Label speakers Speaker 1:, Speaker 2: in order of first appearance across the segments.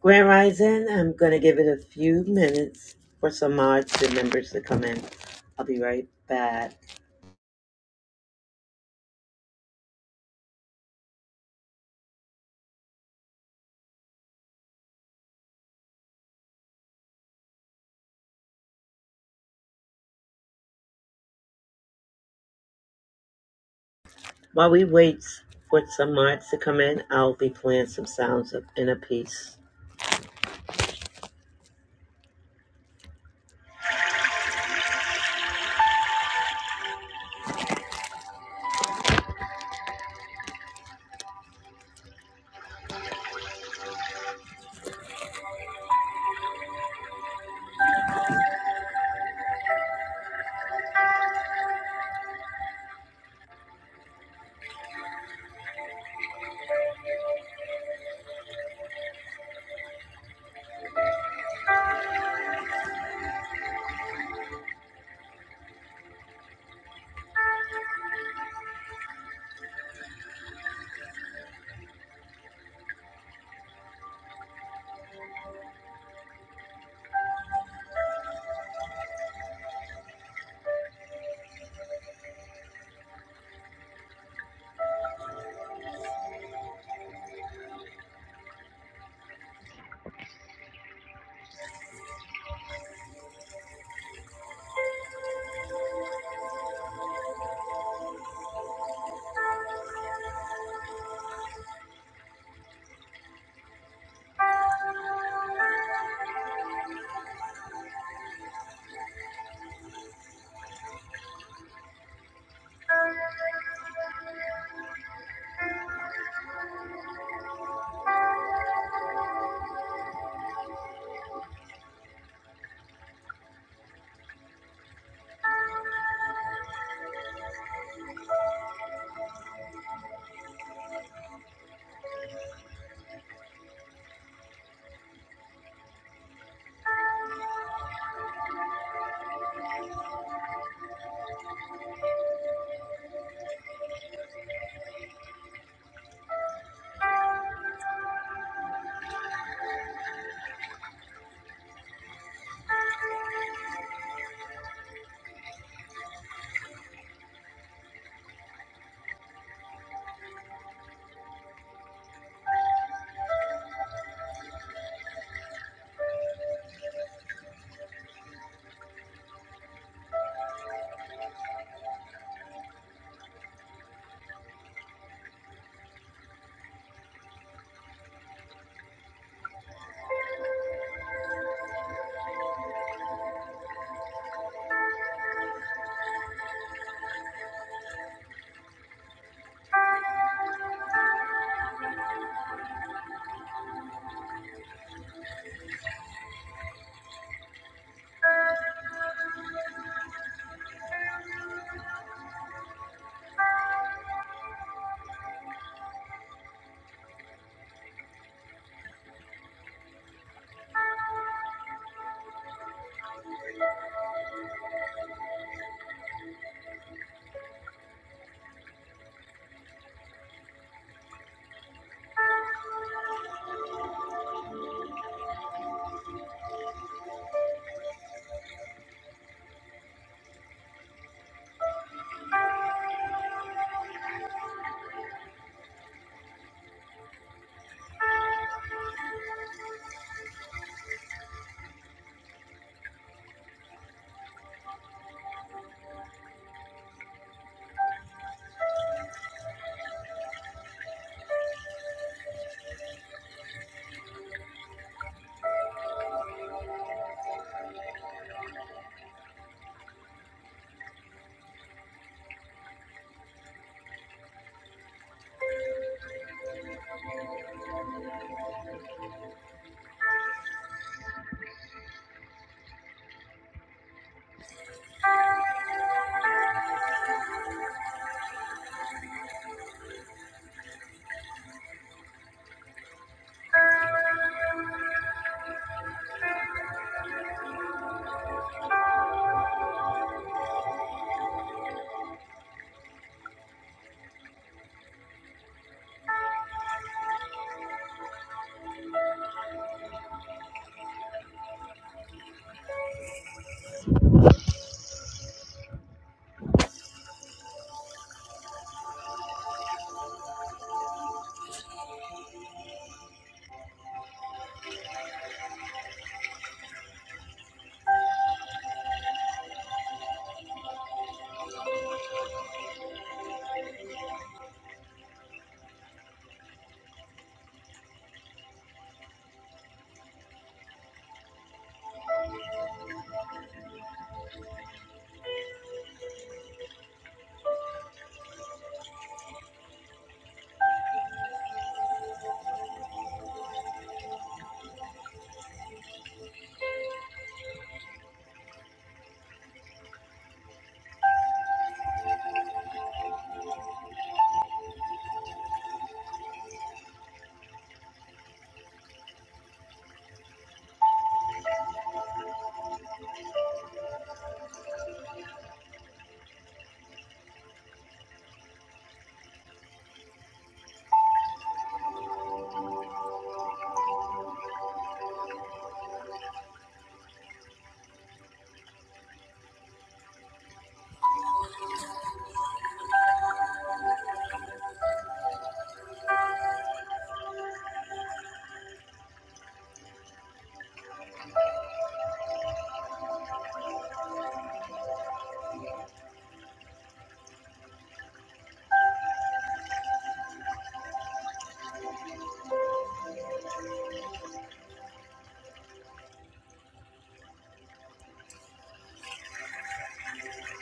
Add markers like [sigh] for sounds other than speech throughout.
Speaker 1: Grand Rising, I'm going to give it a few minutes for some mods and members to come in. I'll be right back. While we wait for some mods to come in, I'll be playing some sounds of inner peace.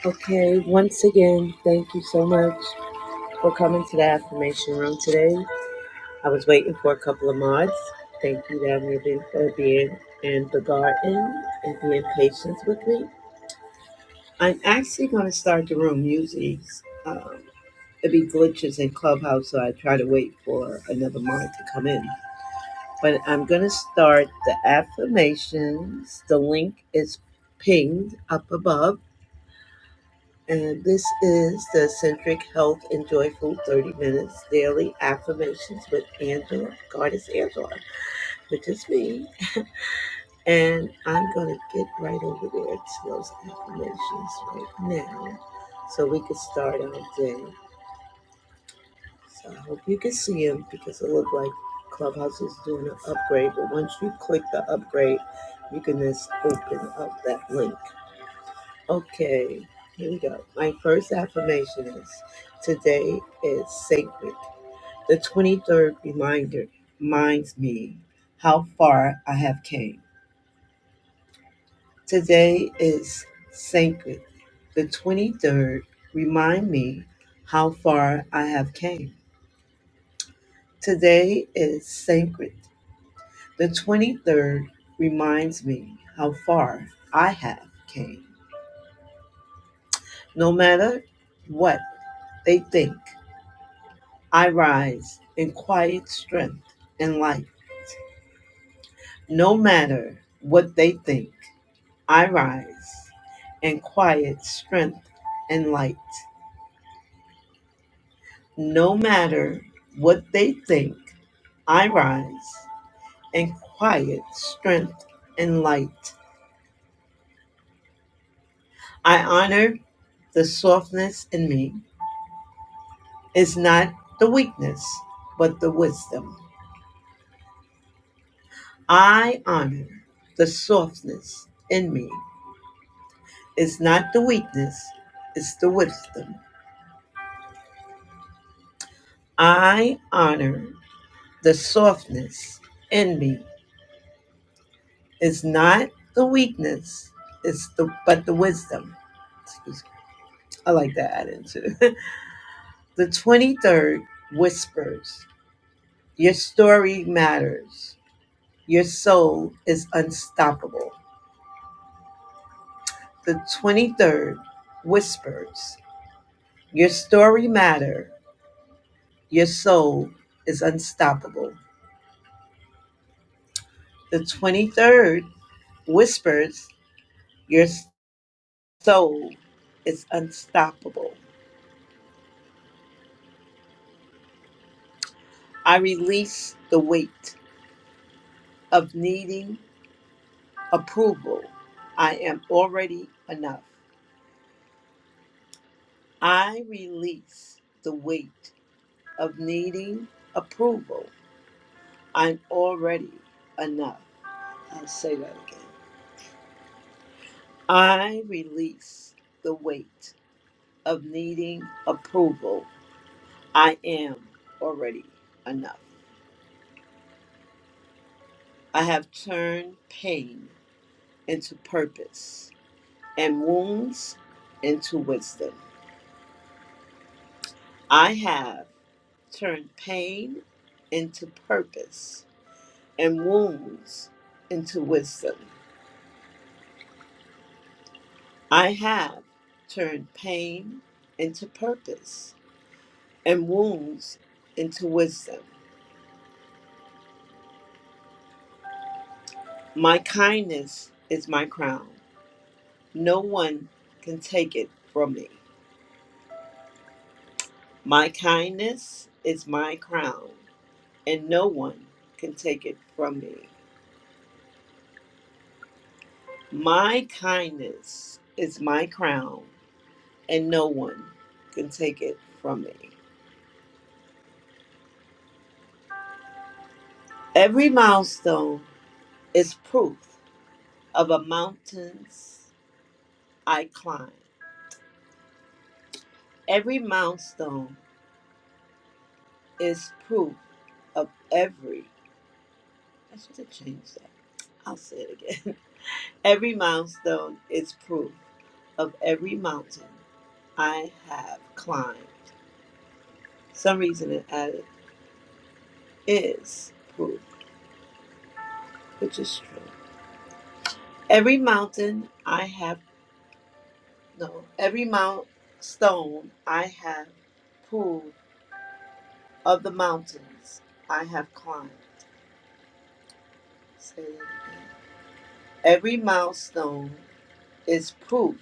Speaker 1: Okay, once again, thank you so much for coming to the affirmation room today. I was waiting for a couple of mods. Thank you, Dad Ruby, for being in the garden and being patient with me. I'm actually going to start the room music. Um, it be glitches in Clubhouse, so I try to wait for another mod to come in. But I'm going to start the affirmations. The link is pinged up above. And this is the Centric Health and Joyful 30 Minutes Daily Affirmations with Angela. Goddess is Angela, which is me. And I'm going to get right over there to those affirmations right now so we can start our day. So I hope you can see them because it looked like Clubhouse is doing an upgrade. But once you click the upgrade, you can just open up that link. Okay, here we go. My first affirmation is today is sacred. The 23rd reminder reminds me how far I have came. Today is sacred. The 23rd remind me how far I have came. Today is sacred The 23rd reminds me how far I have came. No matter what they think, I rise in quiet strength and light. No matter what they think, I rise in quiet strength and light. No matter what they think, I rise in quiet strength and light. I honor the softness in me is not the weakness, but the wisdom. I honor the softness in me. It's not the weakness, it's the wisdom. I honor the softness in me. It's not the weakness, it's the but the wisdom. Excuse me. I like that add-in too. [laughs] the 23rd whispers, Your story matters. Your soul is unstoppable. The 23rd whispers, Your story matter. Your soul is unstoppable. The 23rd whispers, Your soul is unstoppable. I release the weight of needing approval. I am already enough. I release the weight of needing approval. I'm already enough. I'll say that again. I release the weight of needing approval. I am already enough. I have turned pain into purpose and wounds into wisdom. I have turned pain into purpose and wounds into wisdom. I have turned pain into purpose and wounds into wisdom. My kindness is my crown. No one can take it from me. My kindness is my crown, and no one can take it from me. My kindness is my crown, and no one can take it from me. Every milestone is proof of a mountain's I climb. Every milestone is proof of every. I should have changed that. I'll say it again. [laughs] Every milestone is proof of every mountain I have climbed. Some reason it added is proof, which is true. Every mountain I have no, every mount stone I have proved of the mountains I have climbed. Say that again. Every milestone is proof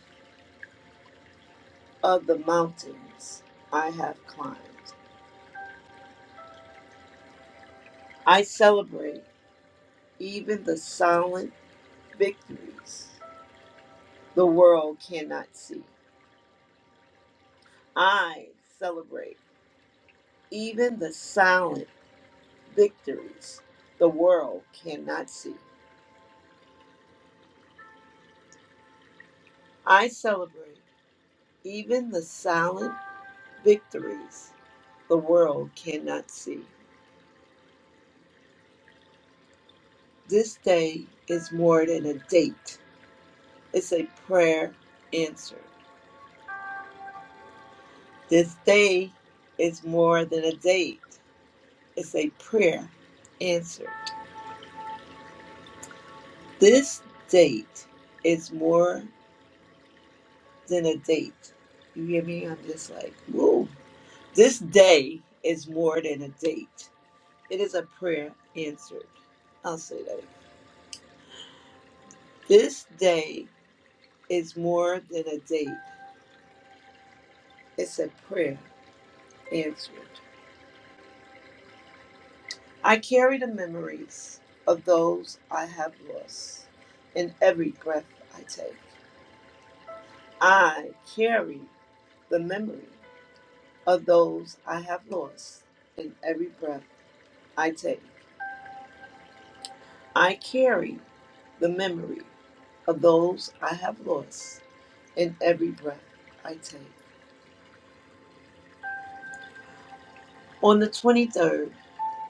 Speaker 1: of the mountains I have climbed. I celebrate even the silent victories the world cannot see. I celebrate even the silent victories the world cannot see. I celebrate even the silent victories the world cannot see. This day is more than a date, it's a prayer answered. This day is more than a date, it's a prayer answered. This date is more than a date. You hear me? I'm just like, whoa. This day is more than a date. It is a prayer answered. I'll say that. again. This day is more than a date. It's a prayer answered. I carry the memories of those I have lost in every breath I take. I carry the memory of those I have lost in every breath I take. I carry the memory of those I have lost in every breath I take. On the 23rd,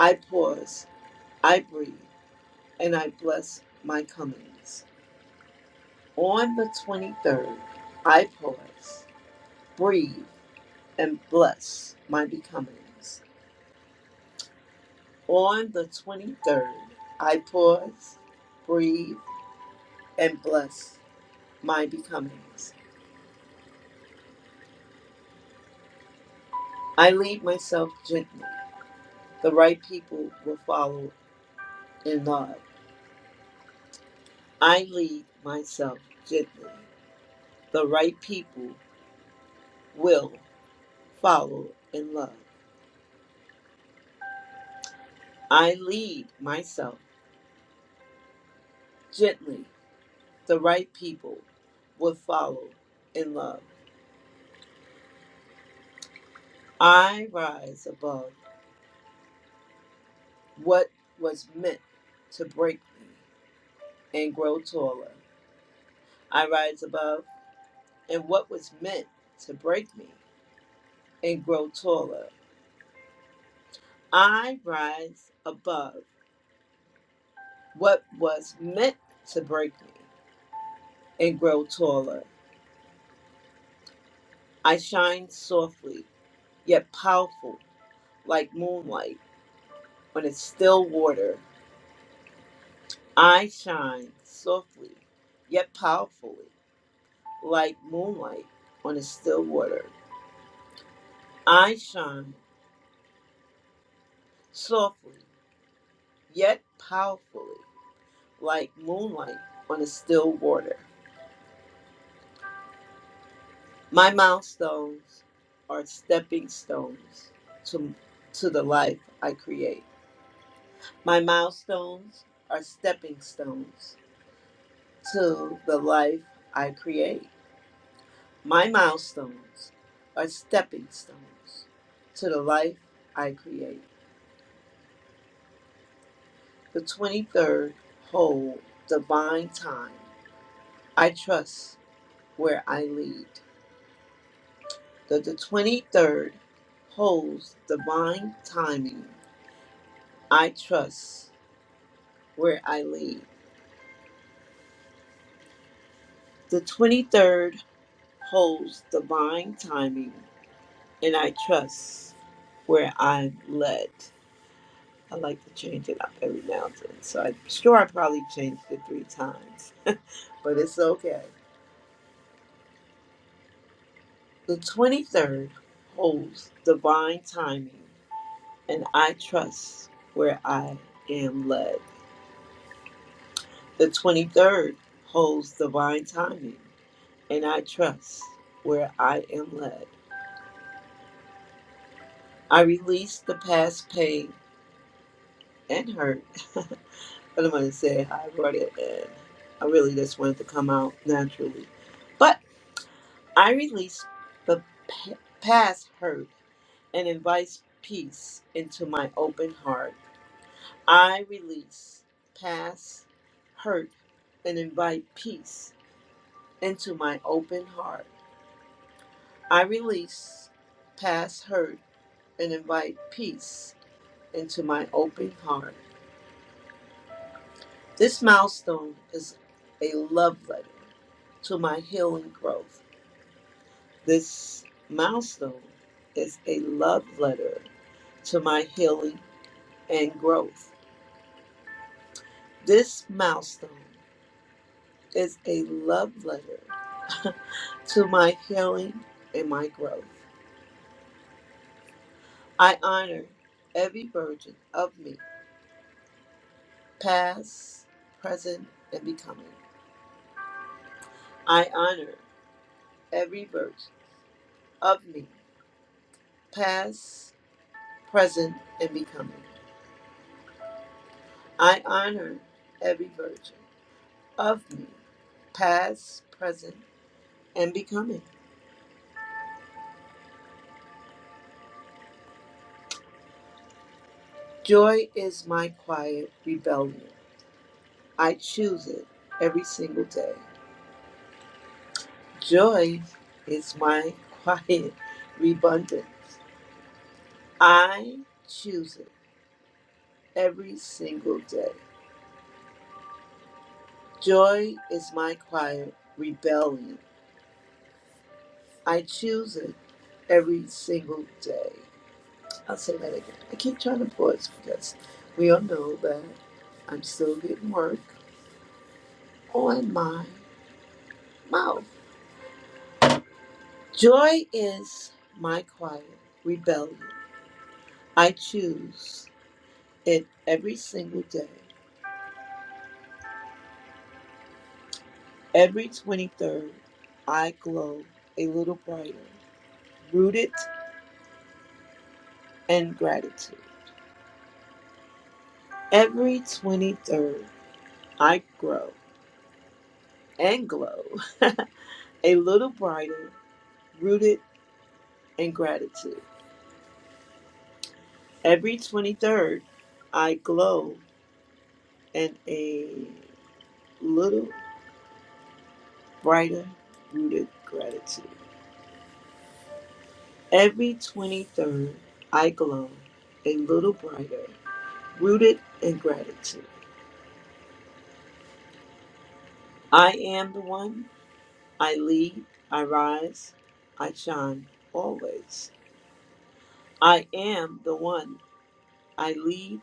Speaker 1: I pause, I breathe, and I bless my comings. On the 23rd, I pause, breathe, and bless my becomings. On the 23rd, I pause, breathe, and bless my becomings. I lead myself gently. The right people will follow in love. I lead myself gently. The right people will follow in love. I lead myself gently. The right people will follow in love. I rise above what was meant to break me and grow taller. I rise above and what was meant to break me and grow taller. I rise above what was meant to break me and grow taller. I shine softly, yet powerful like moonlight on its still water. I shine softly, yet powerfully like moonlight on its still water. I shine softly, yet powerfully like moonlight on a still water. My milestones are stepping stones to, to the life I create. My milestones are stepping stones to the life I create. My milestones are stepping stones to the life I create. The 23rd whole divine time. I trust where I lead. The, the 23rd holds divine timing. I trust where I lead. The 23rd holds divine timing, and I trust where I'm led. I like to change it up every now and then. So I'm sure I probably changed it three times, but it's okay. The 23rd holds divine timing, and I trust where I am led. The 23rd holds divine timing, and I trust where I am led. I release the past pain and hurt. [laughs] I don't want to say how I brought it in. I really just wanted to come out naturally. but. I release the p- past hurt and invite peace into my open heart. I release past hurt and invite peace into my open heart. I release past hurt and invite peace into my open heart. This milestone is a love letter to my healing growth. This milestone is a love letter to my healing and growth. This milestone is a love letter [laughs] to my healing and my growth. I honor every version of me, past, present, and becoming. I honor every version of me, past, present, and becoming. I honor every version of me, past, present, and becoming. Joy is my quiet rebellion I choose it every single day. Joy is my quiet [laughs] abundance. I choose it every single day. Joy is my quiet rebellion. I choose it every single day. I'll say that again. I keep trying to pause because we all know that I'm still getting work on my mouth. Joy is my quiet rebellion. I choose. It every single day, every 23rd, I glow a little brighter, rooted in gratitude. Every 23rd, I grow and glow [laughs] a little brighter, rooted in gratitude. Every 23rd, I glow in a little brighter, rooted gratitude. Every 23rd, I glow a little brighter, rooted in gratitude. I am the one. I lead, I rise, I shine always. I am the one. I lead,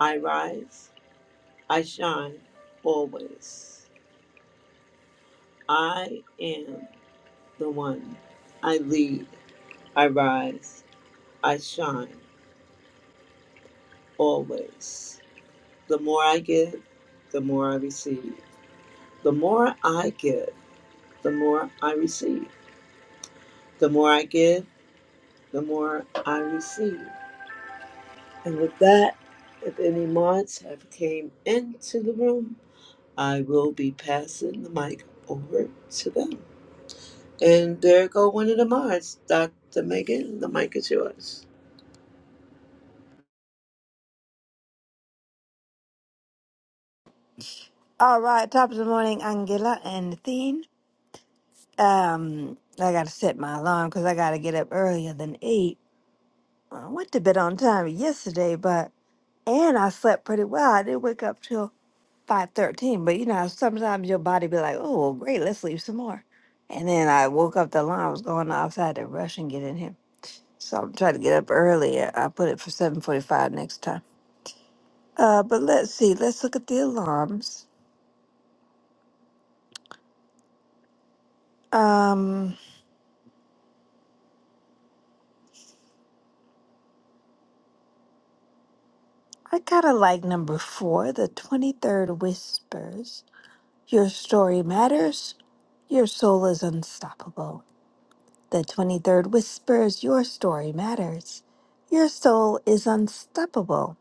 Speaker 1: I rise, I shine always. I am the one. I lead, I rise, I shine always. The more I give, the more I receive. The more I give, the more I receive. The more I give, the more I receive. And with that, if any mods have came into the room, I will be passing the mic over to them. And there go one of the mods, Dr. Megan. The mic is yours.
Speaker 2: All right, top of the morning, Angela and Athene. Um, I gotta set my alarm because I gotta get up earlier than eight. I went to bed on time yesterday, but and I slept pretty well. I didn't wake up till five thirteen, but you know sometimes your body be like, oh well, great, let's sleep some more. And then I woke up, the alarm was going off, so I had to rush and get in here. So I'm trying to get up earlier. I put it for seven forty five next time. Uh, but let's see, let's look at the alarms. Um. I kinda like number four, the 23rd Whispers. Your story matters, your soul is unstoppable. The 23rd Whispers, your story matters. Your soul is unstoppable.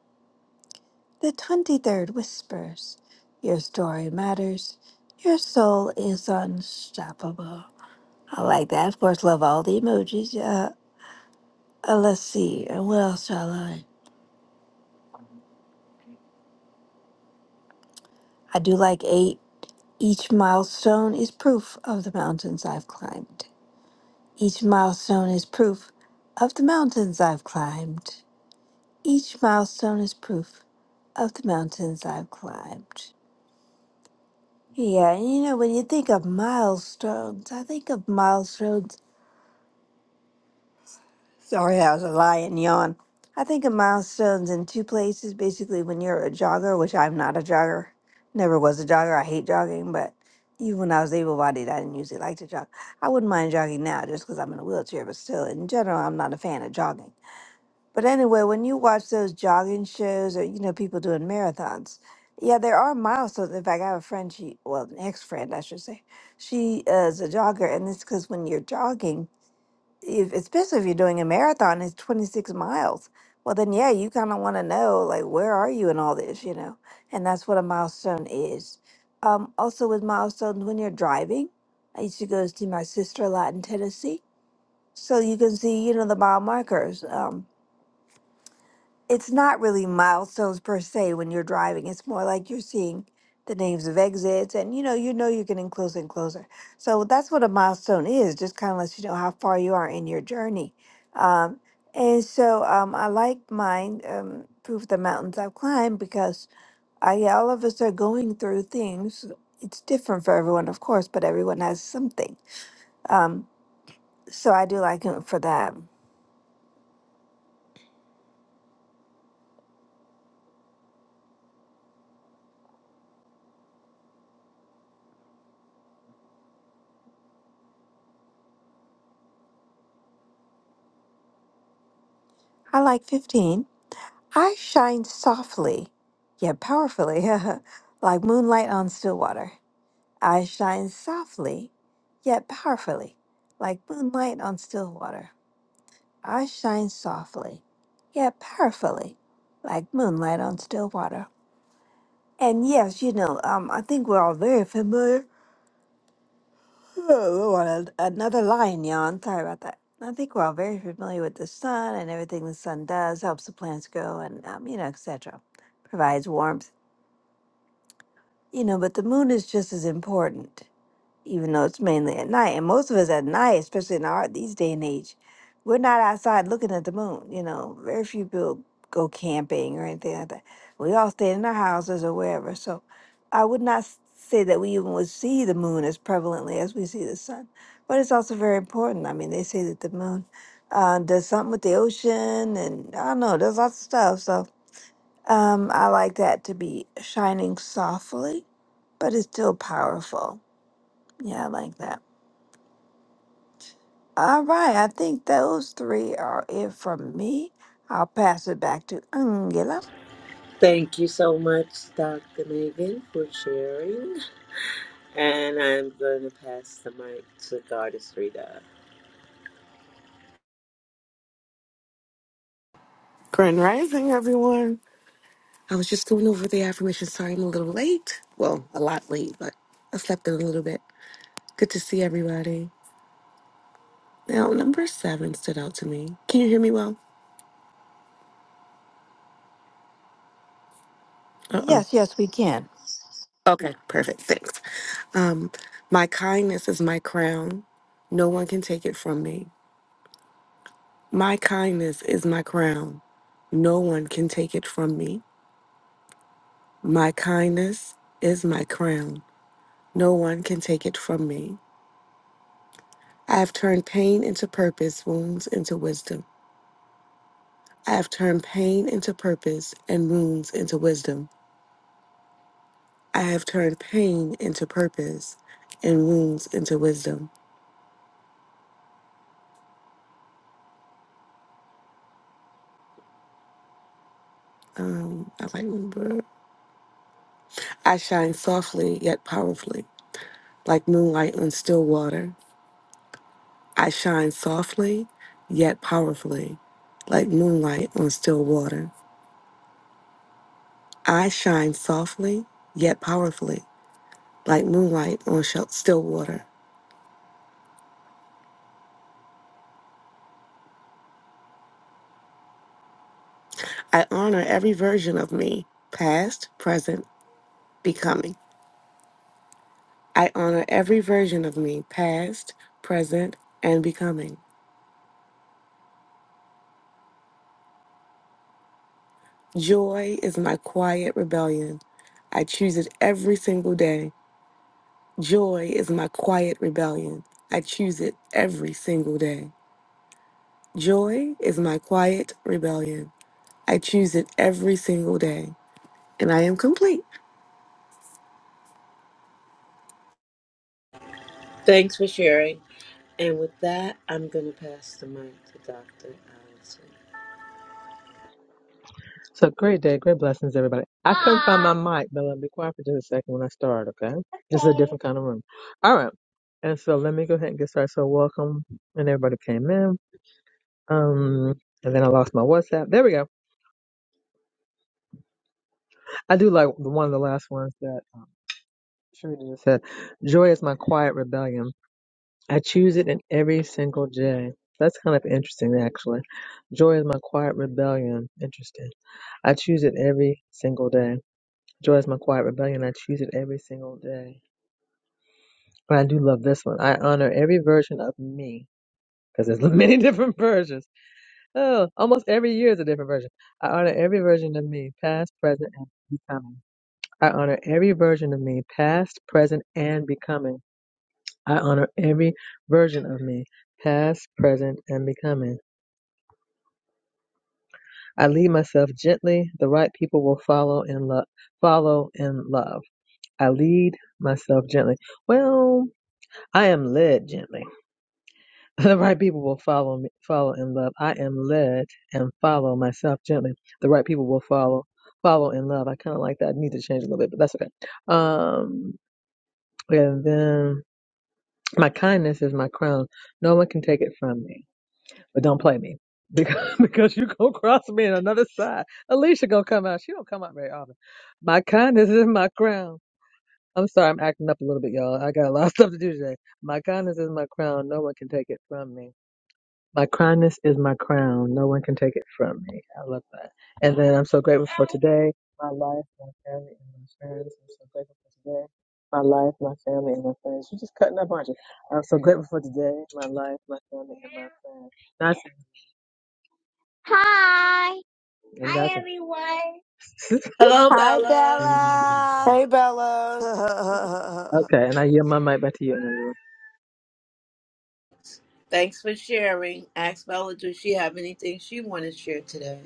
Speaker 2: The 23rd Whispers, your story matters, your soul is unstoppable. I like that. Of course, love all the emojis. Uh, uh, let's see, uh, what else do I like? I do like eight. Each milestone is proof of the mountains I've climbed. Each milestone is proof of the mountains I've climbed. Each milestone is proof of the mountains I've climbed. Yeah, and you know, when you think of milestones, I think of milestones. Sorry, I was a lion yawn. I think of milestones in two places. Basically, when you're a jogger, which I'm not a jogger, never was a jogger. I hate jogging, but even when I was able bodied, I didn't usually like to jog. I wouldn't mind jogging now just because I'm in a wheelchair, but still, in general, I'm not a fan of jogging. But anyway, when you watch those jogging shows or, you know, people doing marathons, yeah, there are milestones. In fact, I have a friend, she, well, an ex friend, I should say, she uh, is a jogger. And it's because when you're jogging, if, especially if you're doing a marathon, it's 26 miles. Well, then, yeah, you kind of want to know, like, where are you in all this, you know? And that's what a milestone is. Um, also, with milestones, when you're driving, I used to go see my sister a lot in Tennessee. So you can see, you know, the mile markers. Um, it's not really milestones per se when you're driving. It's more like you're seeing the names of exits and you know, you know you're getting closer and closer. So that's what a milestone is, just kind of lets you know how far you are in your journey. Um, and so um, I like mine, um, Proof of the Mountains I've Climbed, because I, yeah, all of us are going through things. It's different for everyone, of course, but everyone has something. Um, so I do like it for that. I like 15 I shine softly, yet powerfully, [laughs] like moonlight on still water. I shine softly, yet powerfully, like moonlight on still water. I shine softly, yet powerfully, like moonlight on still water. And yes, you know, um, I think we're all very familiar. Oh, Lord, an- another lion yawn. Sorry about that. I think we're all very familiar with the sun and everything the sun does helps the plants grow and um, you know, et cetera, Provides warmth You know, but the moon is just as important, even though it's mainly at night. And most of us at night, especially in our these day and age, we're not outside looking at the moon. You know, very few people go camping or anything like that. We all stay in our houses or wherever. So I would not s- say that we even would see the moon as prevalently as we see the sun. But it's also very important. I mean, they say that the moon uh, does something with the ocean and I don't know, does lots of stuff. So um, I like that to be shining softly, but it's still powerful. Yeah, I like that. All right, I think those three are it from me. I'll pass it back to Angela.
Speaker 1: Thank you so much, Dr. Megan, for sharing. And I'm going to pass the mic to Goddess Rita.
Speaker 3: Grand Rising, everyone. I was just going over the affirmation. Sorry, I'm a little late. Well, a lot late, but I slept in a little bit. Good to see everybody. Now, number seven stood out to me. Can you hear me well? Uh oh.
Speaker 2: Yes, yes, we can.
Speaker 3: Okay, perfect. Thanks. Um, my kindness is my crown. No one can take it from me. My kindness is my crown. No one can take it from me. My kindness is my crown. No one can take it from me. I have turned pain into purpose, wounds into wisdom. I have turned pain into purpose and wounds into wisdom. I have turned pain into purpose and wounds into wisdom. Um, I might remember. I shine softly yet powerfully, like moonlight on still water. I shine softly yet powerfully, like moonlight on still water. I shine softly yet powerfully, like moonlight on shel- still water. I honor every version of me, past, present, becoming. I honor every version of me, past, present, and becoming. Joy is my quiet rebellion. I choose it every single day. Joy is my quiet rebellion. I choose it every single day. Joy is my quiet rebellion. I choose it every single day. And I am complete.
Speaker 1: Thanks for sharing. And with that, I'm going to pass the mic to Dr. Allison.
Speaker 4: So great day, great blessings, everybody. I couldn't find my mic, but let me be quiet for just a second when I start, okay? This is a different kind of room. All right. And so let me go ahead and get started. So welcome, and everybody came in. Um, and then I lost my WhatsApp. There we go. I do like the one of the last ones that um, Sharita just said. Joy is my quiet rebellion. I choose it in every single day. That's kind of interesting, actually. Joy is my quiet rebellion. Interesting. I choose it every single day. Joy is my quiet rebellion. I choose it every single day. But I do love this one. I honor every version of me because there's many [laughs] different versions. Oh, almost every year is a different version. I honor every version of me, past, present, and becoming. I honor every version of me, past, present, and becoming. I honor every version of me, past, present, and becoming. I lead myself gently. The right people will follow in love. Follow in love. I lead myself gently. Well. I am led gently. [laughs] The right people will follow me, follow in love. I am led and follow myself gently. The right people will follow, follow in love. I kind of like that. I need to change a little bit, but that's okay. Um, and then my kindness is my crown. No one can take it from me, but don't play me [laughs] because, because you gonna cross me on another side. Alicia gonna come out. She don't come out very often. My kindness is my crown. I'm sorry, I'm acting up a little bit, y'all. I got a lot of [laughs] stuff to do today. My kindness is my crown. No one can take it from me My kindness is my crown. No one can take it from me. I love that. And then I'm so grateful for today, my life, my family, and my friends. I'm so grateful for today, my life, my family, and my friends. You're just cutting up, aren't you? I'm so grateful for today, my life, my family, and my friends. That's, and that's Hi, everyone.
Speaker 1: Hello,
Speaker 2: Hi,
Speaker 1: Bella.
Speaker 2: Bella.
Speaker 3: Hey,
Speaker 2: [laughs]
Speaker 3: Bella.
Speaker 4: [laughs]
Speaker 2: uh,
Speaker 4: okay, and I hear my mic back to you. Andrew.
Speaker 1: Thanks for sharing. Ask Bella, does she have anything she want to share today?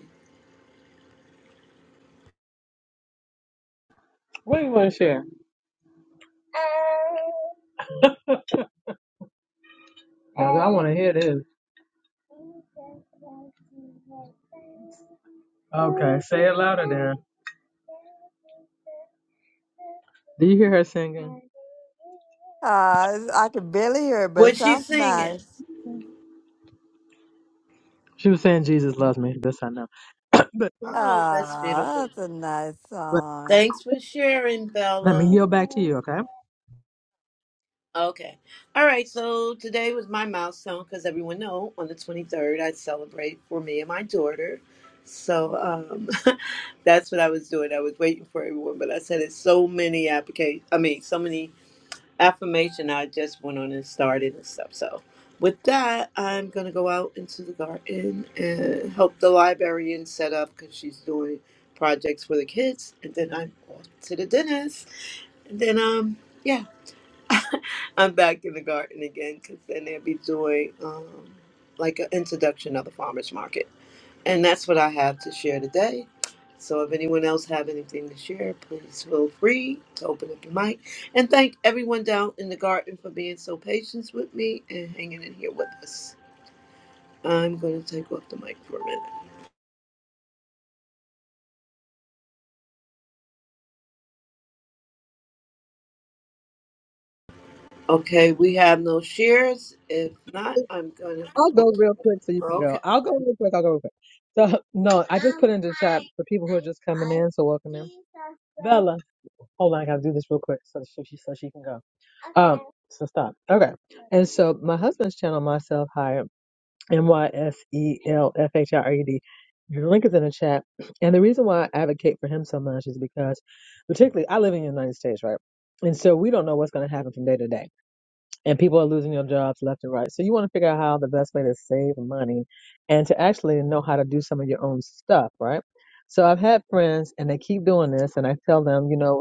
Speaker 4: What do you want to share? I, I want to hear this. Okay, say it louder there. Do you hear her singing?
Speaker 2: I can barely hear it, but it
Speaker 1: What's she
Speaker 2: sounds
Speaker 1: singing?
Speaker 2: nice.
Speaker 4: She was saying, Jesus loves me. This I know. [coughs] but,
Speaker 1: Oh, that's
Speaker 2: Ah,
Speaker 1: beautiful.
Speaker 2: that's a nice song.
Speaker 1: Thanks for sharing,
Speaker 4: Let me
Speaker 1: Bella.
Speaker 4: yield back to you, okay?
Speaker 1: Okay. All right. So today was my milestone because everyone know on the 23rd I celebrate for me and my daughter. So um, [laughs] that's what I was doing. I was waiting for everyone, but I said it's so many applications. I mean, so many affirmation I just went on and started and stuff. So with that, I'm gonna go out into the garden and help the librarian set up because she's doing projects for the kids, and then I'm off to the dentist, and then um yeah, I'm back in the garden again because then they'll be doing um like an introduction of the farmers market. And that's what I have to share today. So if anyone else have anything to share, please feel free to open up your mic. And thank everyone down in the garden for being so patient with me and hanging in here with us. I'm going to take off the mic for a minute. Okay, we have no shares. If not, I'm going to
Speaker 4: I'll
Speaker 1: close.
Speaker 4: go real quick so you can go.
Speaker 1: Okay.
Speaker 4: I'll go real quick. I'll go real quick. So, no, I just put in the chat for people who are just coming in. So, welcome in. Bella, hold on. I got to do this real quick so she, so she can go. Um, so stop. Okay. And so my husband's channel, Myself Hired, M Y S E L F H I R E D. Your link is in the chat. And the reason why I advocate for him so much is because, particularly, I live in the United States, right? And so we don't know what's going to happen from day to day. and people are losing their jobs left and right. So you want to figure out how the best way to save money and to actually know how to do some of your own stuff, right? So I've had friends and they keep doing this and I tell them, you know,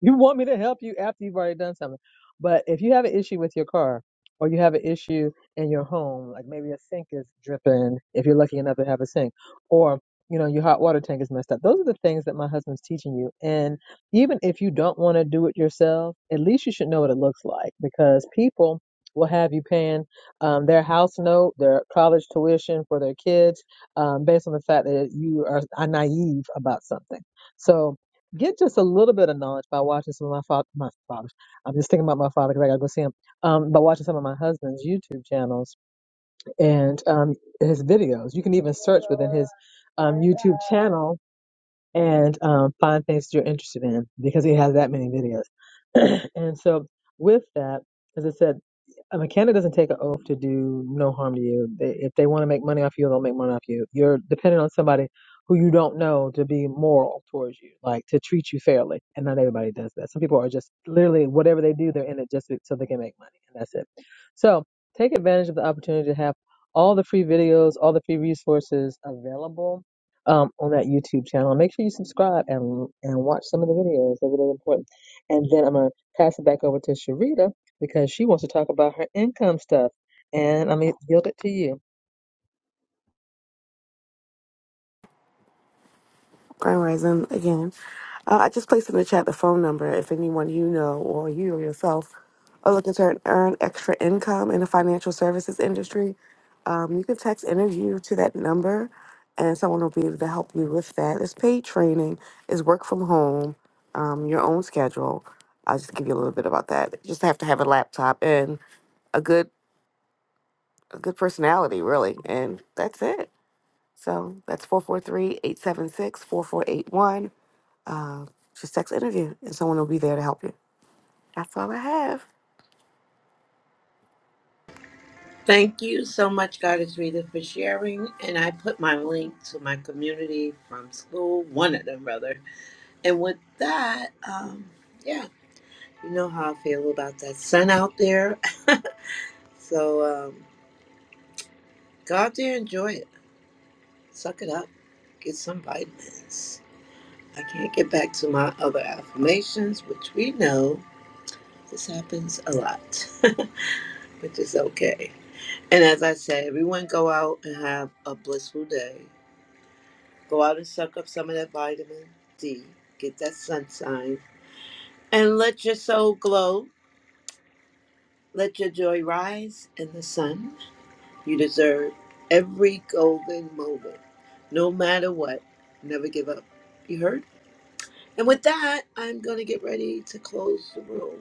Speaker 4: you want me to help you after you've already done something. But if you have an issue with your car or you have an issue in your home, like maybe a sink is dripping, if you're lucky enough to have a sink, or you know, your hot water tank is messed up. Those are the things that my husband's teaching you. And even if you don't want to do it yourself, at least you should know what it looks like because people will have you paying um, their house note, their college tuition for their kids, um, based on the fact that you are, are naive about something. So get just a little bit of knowledge by watching some of my father, my father. I'm just thinking about my father because I gotta go see him. Um, by watching some of my husband's YouTube channels and um, his videos, you can even search within his um, YouTube channel and um, find things that you're interested in because he has that many videos. [clears throat] and so, with that, as I said. I mean, Canada doesn't take an oath to do no harm to you. They, if they want to make money off you, they'll make money off you. You're dependent on somebody who you don't know to be moral towards you, like to treat you fairly. And not everybody does that. Some people are just literally whatever they do, they're in it just so they can make money, and that's it. So take advantage of the opportunity to have all the free videos, all the free resources available um, on that YouTube channel. Make sure you subscribe and and watch some of the videos. They're really important. And then I'm gonna pass it back over to Sharita because she wants to talk about her income stuff. And I'm going to yield it to you.
Speaker 3: Grand Rising again. Uh, I just placed in the chat the phone number if anyone you know or you or yourself are looking to earn extra income in the financial services industry. Um, you can text interview to that number and someone will be able to help you with that. It's paid training, it's work from home, um, your own schedule. I'll just give you a little bit about that. You just have to have a laptop and a good a good personality really and that's it so that's four four three eight seven six four four eight one uh, just text interview, and someone will be there to help you. That's all I have.
Speaker 1: Thank you so much, Goddess Rita, for sharing. And I put my link to my community from school, one of them, rather. And with that, um, yeah. You know how I feel about that sun out there. [laughs] so um, go out there, enjoy it, suck it up, get some vitamins. I can't get back to my other affirmations, which we know this happens a lot, [laughs] which is okay. And as I say, everyone go out and have a blissful day. Go out and suck up some of that vitamin D, get that sunshine, and let your soul glow. Let your joy rise in the sun. You deserve every golden moment, no matter what. Never give up. You heard? And with that, I'm going to get ready to close the room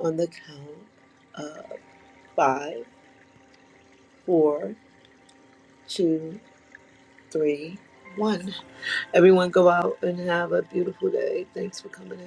Speaker 1: on the count of five, four, two, three, one. Everyone go out and have a beautiful day. Thanks for coming in.